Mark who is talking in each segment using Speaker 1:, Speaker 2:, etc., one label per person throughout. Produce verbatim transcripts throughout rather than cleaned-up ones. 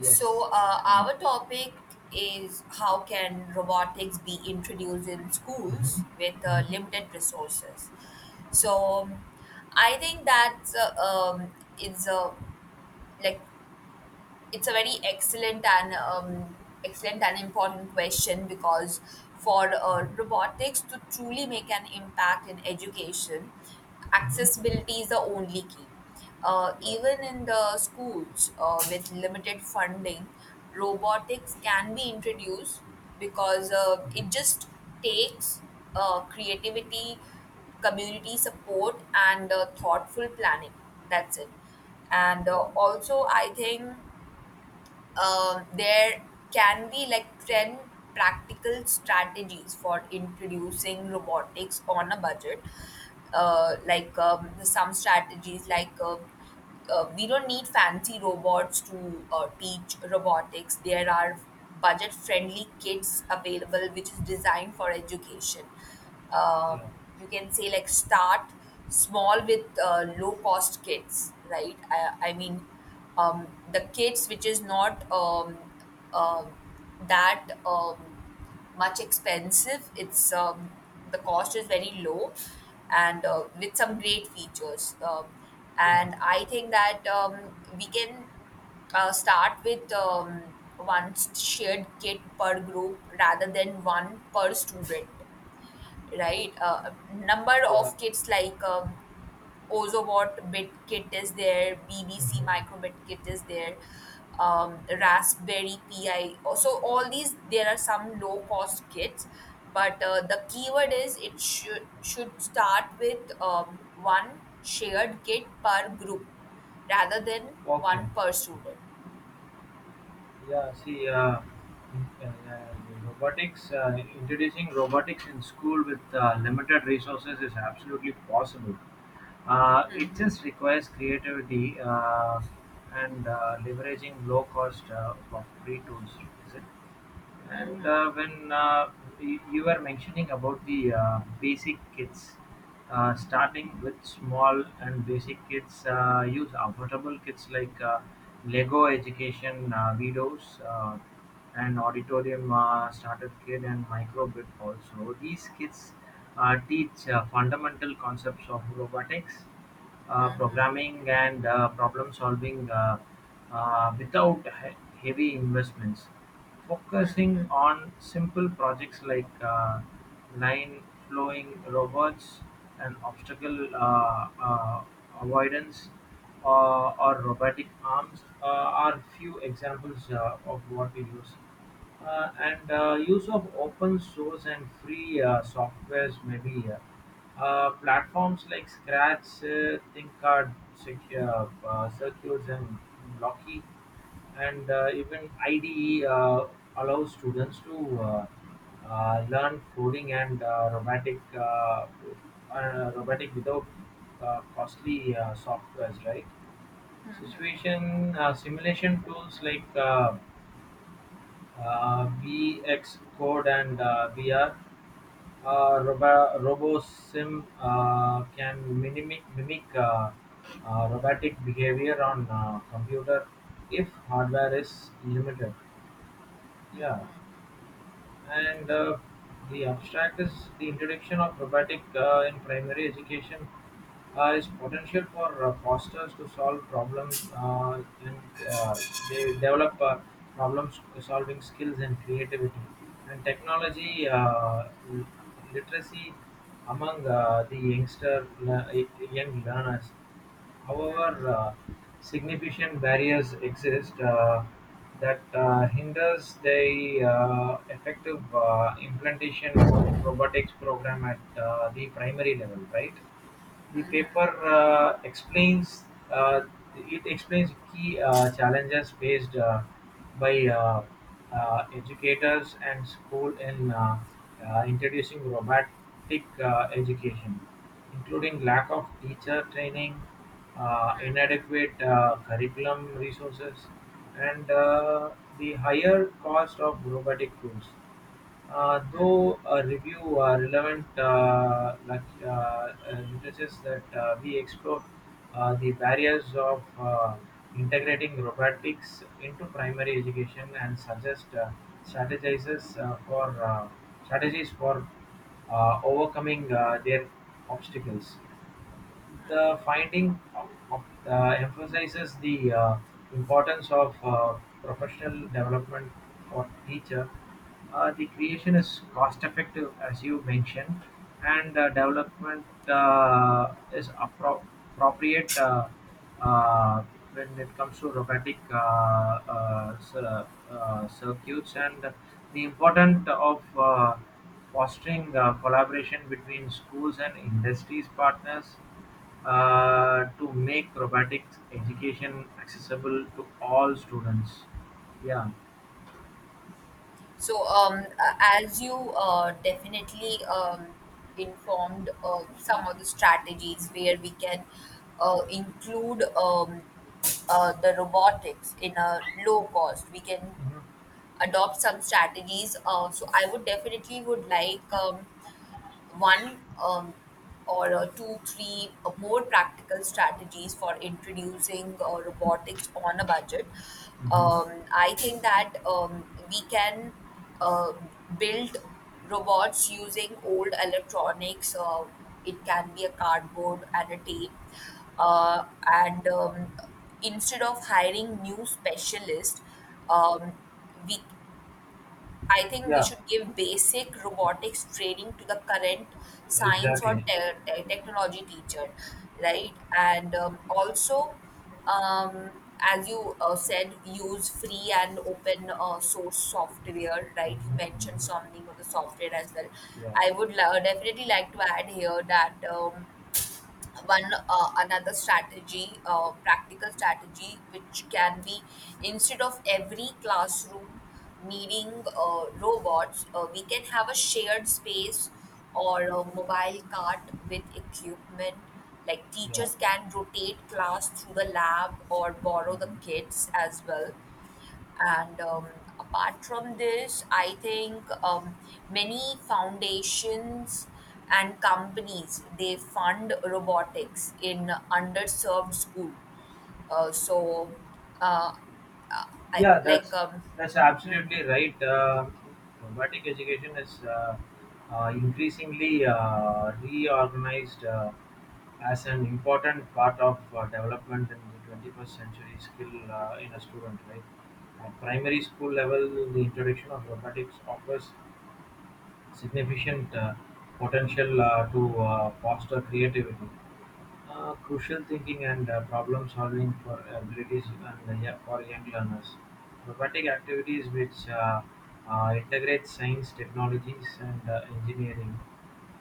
Speaker 1: Yes,
Speaker 2: So, uh,
Speaker 1: excellent.
Speaker 2: our topic is how can robotics be introduced in schools
Speaker 1: Mhm,
Speaker 2: with uh,
Speaker 1: mhm,
Speaker 2: limited resources? So, I think that uh, um, is a like it's a very excellent and um, excellent and important question because for uh,
Speaker 1: mhm,
Speaker 2: robotics to truly make an impact in education,
Speaker 1: mhm,
Speaker 2: accessibility is the only key. Uh,
Speaker 1: yeah,
Speaker 2: even in the schools uh, with limited funding, robotics can be introduced because uh, it
Speaker 1: mhm,
Speaker 2: just takes uh, creativity, community support, and uh, thoughtful planning. That's it. And uh,
Speaker 1: yeah,
Speaker 2: also, I think um, there can be like ten practical strategies for introducing robotics on a budget, uh, like um, some strategies like um uh, we don't need fancy robots to uh, teach robotics. There are budget friendly kits available which is designed for education. um,
Speaker 1: yeah,
Speaker 2: you can say like start small with uh, low cost kits, right? I, I mean um, the kits which is not um, uh, that um, much expensive, it's um, the cost is very low and uh, with some great features, um,
Speaker 1: yeah,
Speaker 2: and I think that um, we can uh, start with um, one shared kit per group rather than one per student, right? Uh, number
Speaker 1: yeah,
Speaker 2: of kits like, um, OzoBot bit kit is there, B B C
Speaker 1: mhm.
Speaker 2: microbit kit is there, um, Raspberry P I. So all these, there are some low cost kits, but uh, the keyword is it should should start with um, one shared kit per group rather than
Speaker 1: Okay.
Speaker 2: one per student.
Speaker 1: Yeah, see, uh, in- uh, uh, the robotics, uh, introducing robotics in school with uh, limited resources is absolutely possible. Uh, it just requires creativity uh, and uh, leveraging low cost uh, of free tools, is it? And uh, when uh, y- you were mentioning about the uh, basic kits, uh, starting with small and basic kits, uh, use affordable kits like uh, Lego Education uh, Videos uh, and Auditorium uh, Starter Kit and Microbit also. These kits uh, teach uh, fundamental concepts of robotics, uh, programming, and uh, problem solving uh, uh, without he- heavy investments focusing on simple projects like uh, line flowing robots and obstacle uh, uh, avoidance uh, or robotic arms uh, are few examples uh, of what we use. Uh, and uh, use of open source and free uh, softwares maybe uh, uh, platforms like Scratch, uh, ThinkCard, Secure, uh, Circuits, and Blocky and uh, even I D E uh, allows students to uh, uh, learn coding and uh, robotic uh, uh, robotic without uh, costly uh, softwares, right? Situation uh, simulation tools like uh, VxCode and V R. uh, robo- RoboSim uh, can mimic, mimic uh, uh, robotic behavior on uh, computer if hardware is limited. Yeah, and uh, the abstract is the introduction of robotic uh, in primary education uh, is potential for uh, fosters to solve problem uh, and uh, they develop uh, problem s- solving skills and creativity and technology uh, l- literacy among uh, the youngster le- young learners. However, uh, significant barriers exist uh, that uh, hinders the uh, effective uh, implementation of robotics program at uh, the primary level, right? The paper uh, explains uh, it explains key uh, challenges faced uh, by uh, uh, educators and school in uh, uh, introducing robotic uh, education including lack of teacher training, uh, inadequate uh, curriculum resources, and uh, the higher cost of robotic tools. Uh, though a review uh, relevant uh, lec- uh, uh, literatures that uh, we explore uh, the barriers of uh, integrating robotics into primary education and suggest uh, strategizes uh, for uh, strategies for uh, overcoming uh, their obstacles. The finding uh, emphasizes the uh, importance of uh, professional development for teacher. Uh, the creation is cost effective, as you mentioned, and uh, development uh, is appro- appropriate uh, uh, when it comes to robotic uh, uh, cir- uh, circuits and the importance of uh, fostering uh, collaboration between schools and industries partners uh, to make robotics education accessible to all students. Yeah.
Speaker 2: So, um, a- as you uh, definitely um, informed uh, some of the strategies where we can uh, include um, uh, the robotics in a low cost, we can adopt some strategies. Uh, so, I would definitely would like um, one um, or uh, two, three uh, more practical strategies for introducing uh, robotics on a budget. Um, I think that um, we can uh, build robots using old electronics. Uh, it can be a cardboard and a tape. Uh, and um, Instead of hiring new specialists, um, we, I think we
Speaker 1: Yeah,
Speaker 2: should give basic robotics training to the current science or
Speaker 1: exactly.
Speaker 2: te- te- technology teacher, right? And um, also, um, as you uh, said, use free and open uh, source software, right? You mentioned
Speaker 1: Mhm.
Speaker 2: something of the software as well.
Speaker 1: Yeah,
Speaker 2: I would lo- definitely like to add here that. Um, one uh, another strategy, uh, practical strategy which can be instead of every classroom needing uh, robots. Uh, we can have a shared space or a mobile cart with equipment, like
Speaker 1: yeah,
Speaker 2: teachers can rotate class through the lab or borrow the
Speaker 1: mhm,
Speaker 2: kits as well. And um, apart from this, I think um, many foundations and companies they fund robotics in underserved school. Uh, so, uh, I
Speaker 1: yeah.
Speaker 2: like,
Speaker 1: That's
Speaker 2: um,
Speaker 1: that's absolutely right. Uh, robotic education is uh, uh, increasingly uh, reorganized uh, as an important part of uh, development in the twenty-first century skill uh, in a student. Right, at primary school level, the introduction of robotics offers significant uh, potential uh, to uh, foster creativity, uh, crucial thinking, and uh, problem solving for abilities and uh, yeah, for young learners. Robotic activities which uh, uh, integrate science, technologies, and uh, engineering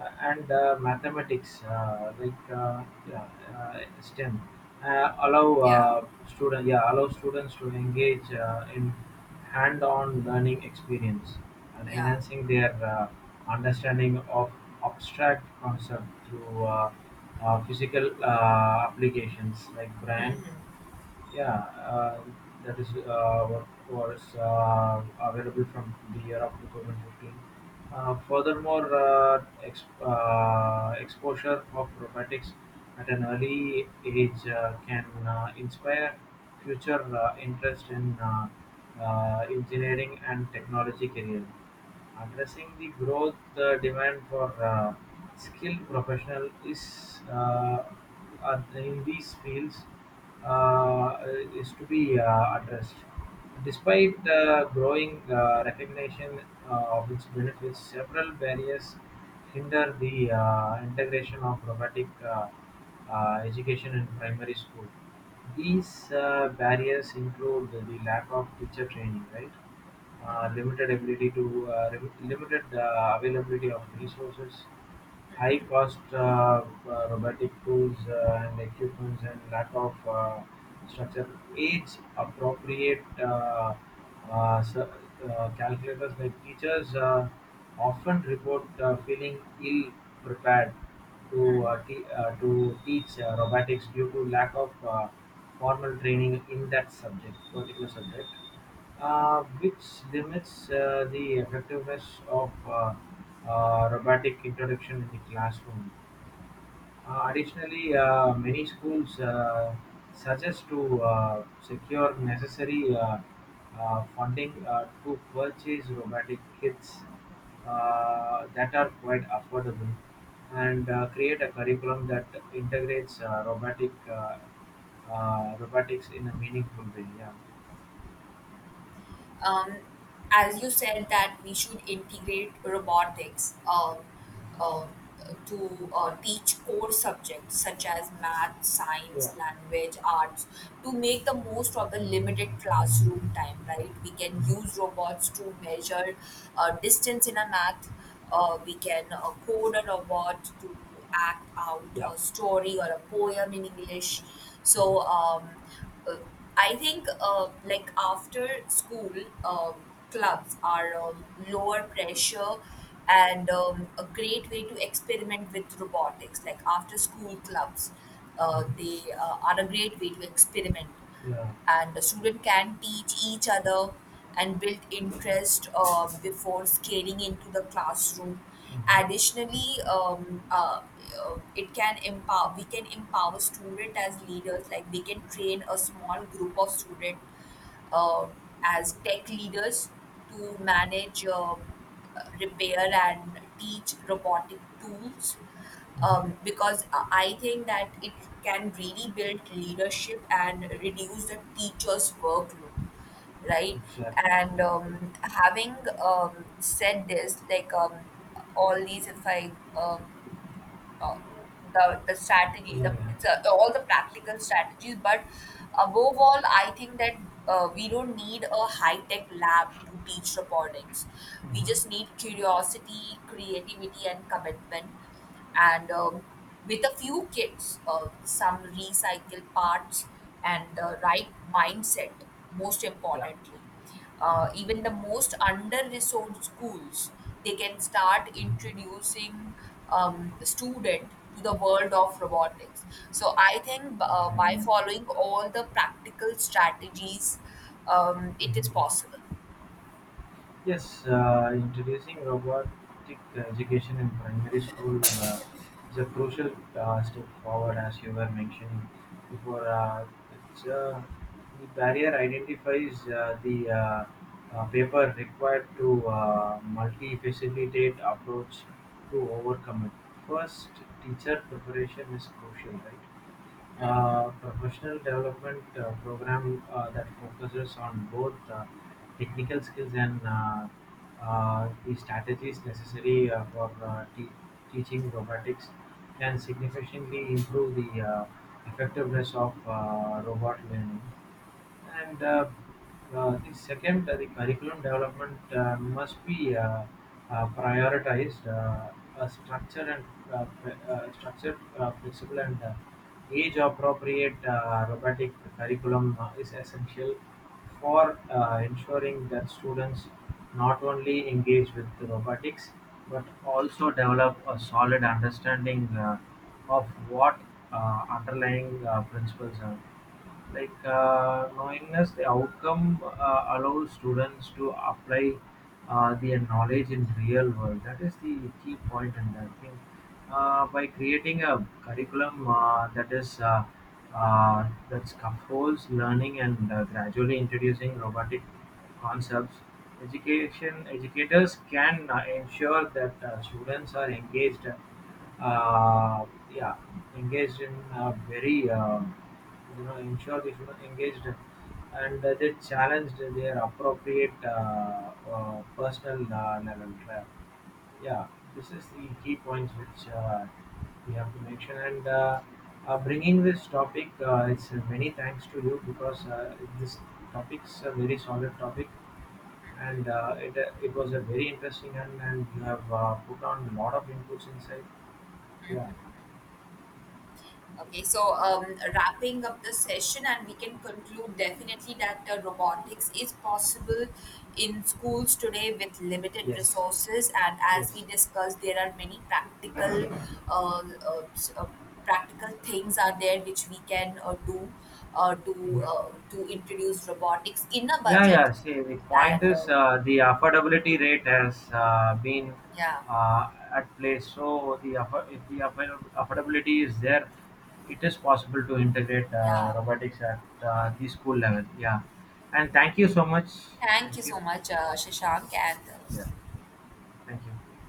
Speaker 1: uh, and uh, mathematics uh, like uh, yeah, uh, STEM uh, allow
Speaker 2: yeah,
Speaker 1: uh, student yeah allow students to engage uh, in hand-on learning experience and
Speaker 2: yeah.
Speaker 1: enhancing their uh, understanding of abstract concept through uh, uh, physical uh, applications like brand yeah, uh, that is uh, what was uh, available from the year of twenty fifteen. Uh, furthermore, uh, ex- uh, exposure of robotics at an early age uh, can uh, inspire future uh, interest in uh, uh, engineering and technology career addressing the growth uh, demand for uh, skilled professional is uh, uh, in these fields uh, is to be uh, addressed. Despite the growing uh, recognition uh, of its benefits, several barriers hinder the uh, integration of robotic uh, uh, education in primary school. These uh, barriers include the lack of teacher training, right? uh, limited ability to uh, rem- limited uh, availability of resources, high cost uh, uh, robotic tools uh, and equipment, and lack of uh, structure, age appropriate uh, uh, s- uh, calculators like teachers uh, often report uh, feeling ill prepared to uh, te- uh, to teach uh, robotics due to lack of uh, formal training in that subject particular subject uh, which limits uh, the effectiveness of uh, uh, robotic introduction in the classroom. Uh, additionally, uh, many schools uh, suggest to uh, secure necessary uh, uh, funding uh, to purchase robotic kits uh, that are quite affordable and uh, create a curriculum that integrates uh, robotic uh, uh, robotics in a meaningful way. Yeah.
Speaker 2: um, as you said that we should integrate robotics um, um, to uh, teach core subjects such as math,
Speaker 1: Yeah.
Speaker 2: science, language, arts, to make the most of the limited classroom time, right? We can use
Speaker 1: Mhm.
Speaker 2: robots to measure uh, distance in a math. Uh, we can uh, code a robot to act out
Speaker 1: Yeah.
Speaker 2: a story or a poem in English. So
Speaker 1: Mhm,
Speaker 2: um, uh, I think uh, like after school, um, clubs are um, lower pressure and um, a great way to experiment with robotics. Like after school clubs, uh, they
Speaker 1: mhm.
Speaker 2: uh, are a great way to experiment,
Speaker 1: Yeah.
Speaker 2: and the student can teach each other and build interest uh, before scaling into the classroom.
Speaker 1: Mhm,
Speaker 2: Additionally um, uh, uh, it can empower, we can empower student as leaders, like they can train a small group of student uh, as tech leaders to manage, uh, uh, repair, and teach robotic tools. Um,
Speaker 1: mhm.
Speaker 2: because I think that it can really build leadership and reduce the teacher's workload, right?
Speaker 1: Exactly.
Speaker 2: And um, having um, said this, like um, all these, if i uh, uh, the the strategies,
Speaker 1: Yeah,
Speaker 2: the,
Speaker 1: yeah.
Speaker 2: it's, uh, all the practical strategies. But above all, I think that uh, we don't need a high tech lab to teach robotics. We
Speaker 1: Mhm.
Speaker 2: just need curiosity, creativity, and commitment, and um, with a few kits, uh, some recycled parts, and the right mindset, most
Speaker 1: Yeah.
Speaker 2: importantly. Uh,
Speaker 1: Mhm,
Speaker 2: even the most under-resourced schools, they can start
Speaker 1: mhm.
Speaker 2: introducing um, student to the world of robotics. So I think uh, by
Speaker 1: Exactly.
Speaker 2: following all the practical strategies, um, it is
Speaker 1: Mhm.
Speaker 2: possible.
Speaker 1: Yes, uh, introducing robotic education in primary school uh, is a crucial uh, step forward, as you were mentioning before. Uh, it's, uh, the barrier identifies uh, the uh, uh, paper required to uh, multi-facilitate approach to overcome it. First, teacher preparation is crucial, right? Uh, professional development uh, program uh, that focuses on both uh, technical skills and uh, uh, the strategies necessary uh, for uh, te- teaching robotics can significantly improve the uh, effectiveness of uh, robot learning. And uh, uh, the second, uh, the curriculum development uh, must be uh, uh, prioritized, uh, uh, structured and uh, fle- uh, structured, uh, flexible and uh, age-appropriate uh, robotic curriculum uh, is essential for uh, ensuring that students not only engage with the robotics but also develop a solid understanding uh, of what uh, underlying uh, principles are like. Uh, knowingness the outcome uh, allows students to apply uh, their knowledge in real world, that is the key point in that thing. Uh, by creating a curriculum uh, that is uh, uh, that scaffolds learning and uh, gradually introducing robotic concepts, education educators can uh, ensure that uh, students are engaged, uh, yeah, engaged in a very uh, you know ensured if you know engaged, and uh, they challenged their appropriate uh, uh, personal uh, level tra- Yeah, this is the key points which uh, we have to mention, and uh, uh, bringing this topic, uh, it's, uh, many thanks to you because uh, this topic's a very solid topic, and uh, it, uh, it was a very interesting, and, and you have uh, put on a lot of inputs inside. Yeah,
Speaker 2: Okay, so um, wrapping up the session, and we can conclude definitely that uh, robotics is possible in schools today with limited
Speaker 1: yes,
Speaker 2: resources. And as we
Speaker 1: yes,
Speaker 2: discussed, there are many practical, uh, uh, s- uh, practical things are there which we can uh, do uh, to uh,
Speaker 1: hmm.
Speaker 2: to introduce robotics in a
Speaker 1: Yeah, yeah.
Speaker 2: budget.
Speaker 1: See, the point
Speaker 2: And
Speaker 1: is
Speaker 2: uh,
Speaker 1: uh, the affordability rate has uh, been
Speaker 2: yeah,
Speaker 1: uh, at play. So the affo- if the affo- affordability is there, it is possible to integrate uh,
Speaker 2: yeah.
Speaker 1: robotics at uh, the school level. Yeah, and thank you so much.
Speaker 2: Thank you
Speaker 1: Thank you.
Speaker 2: so much, uh, Shashank, and
Speaker 1: Yeah,
Speaker 2: uh,
Speaker 1: thank you.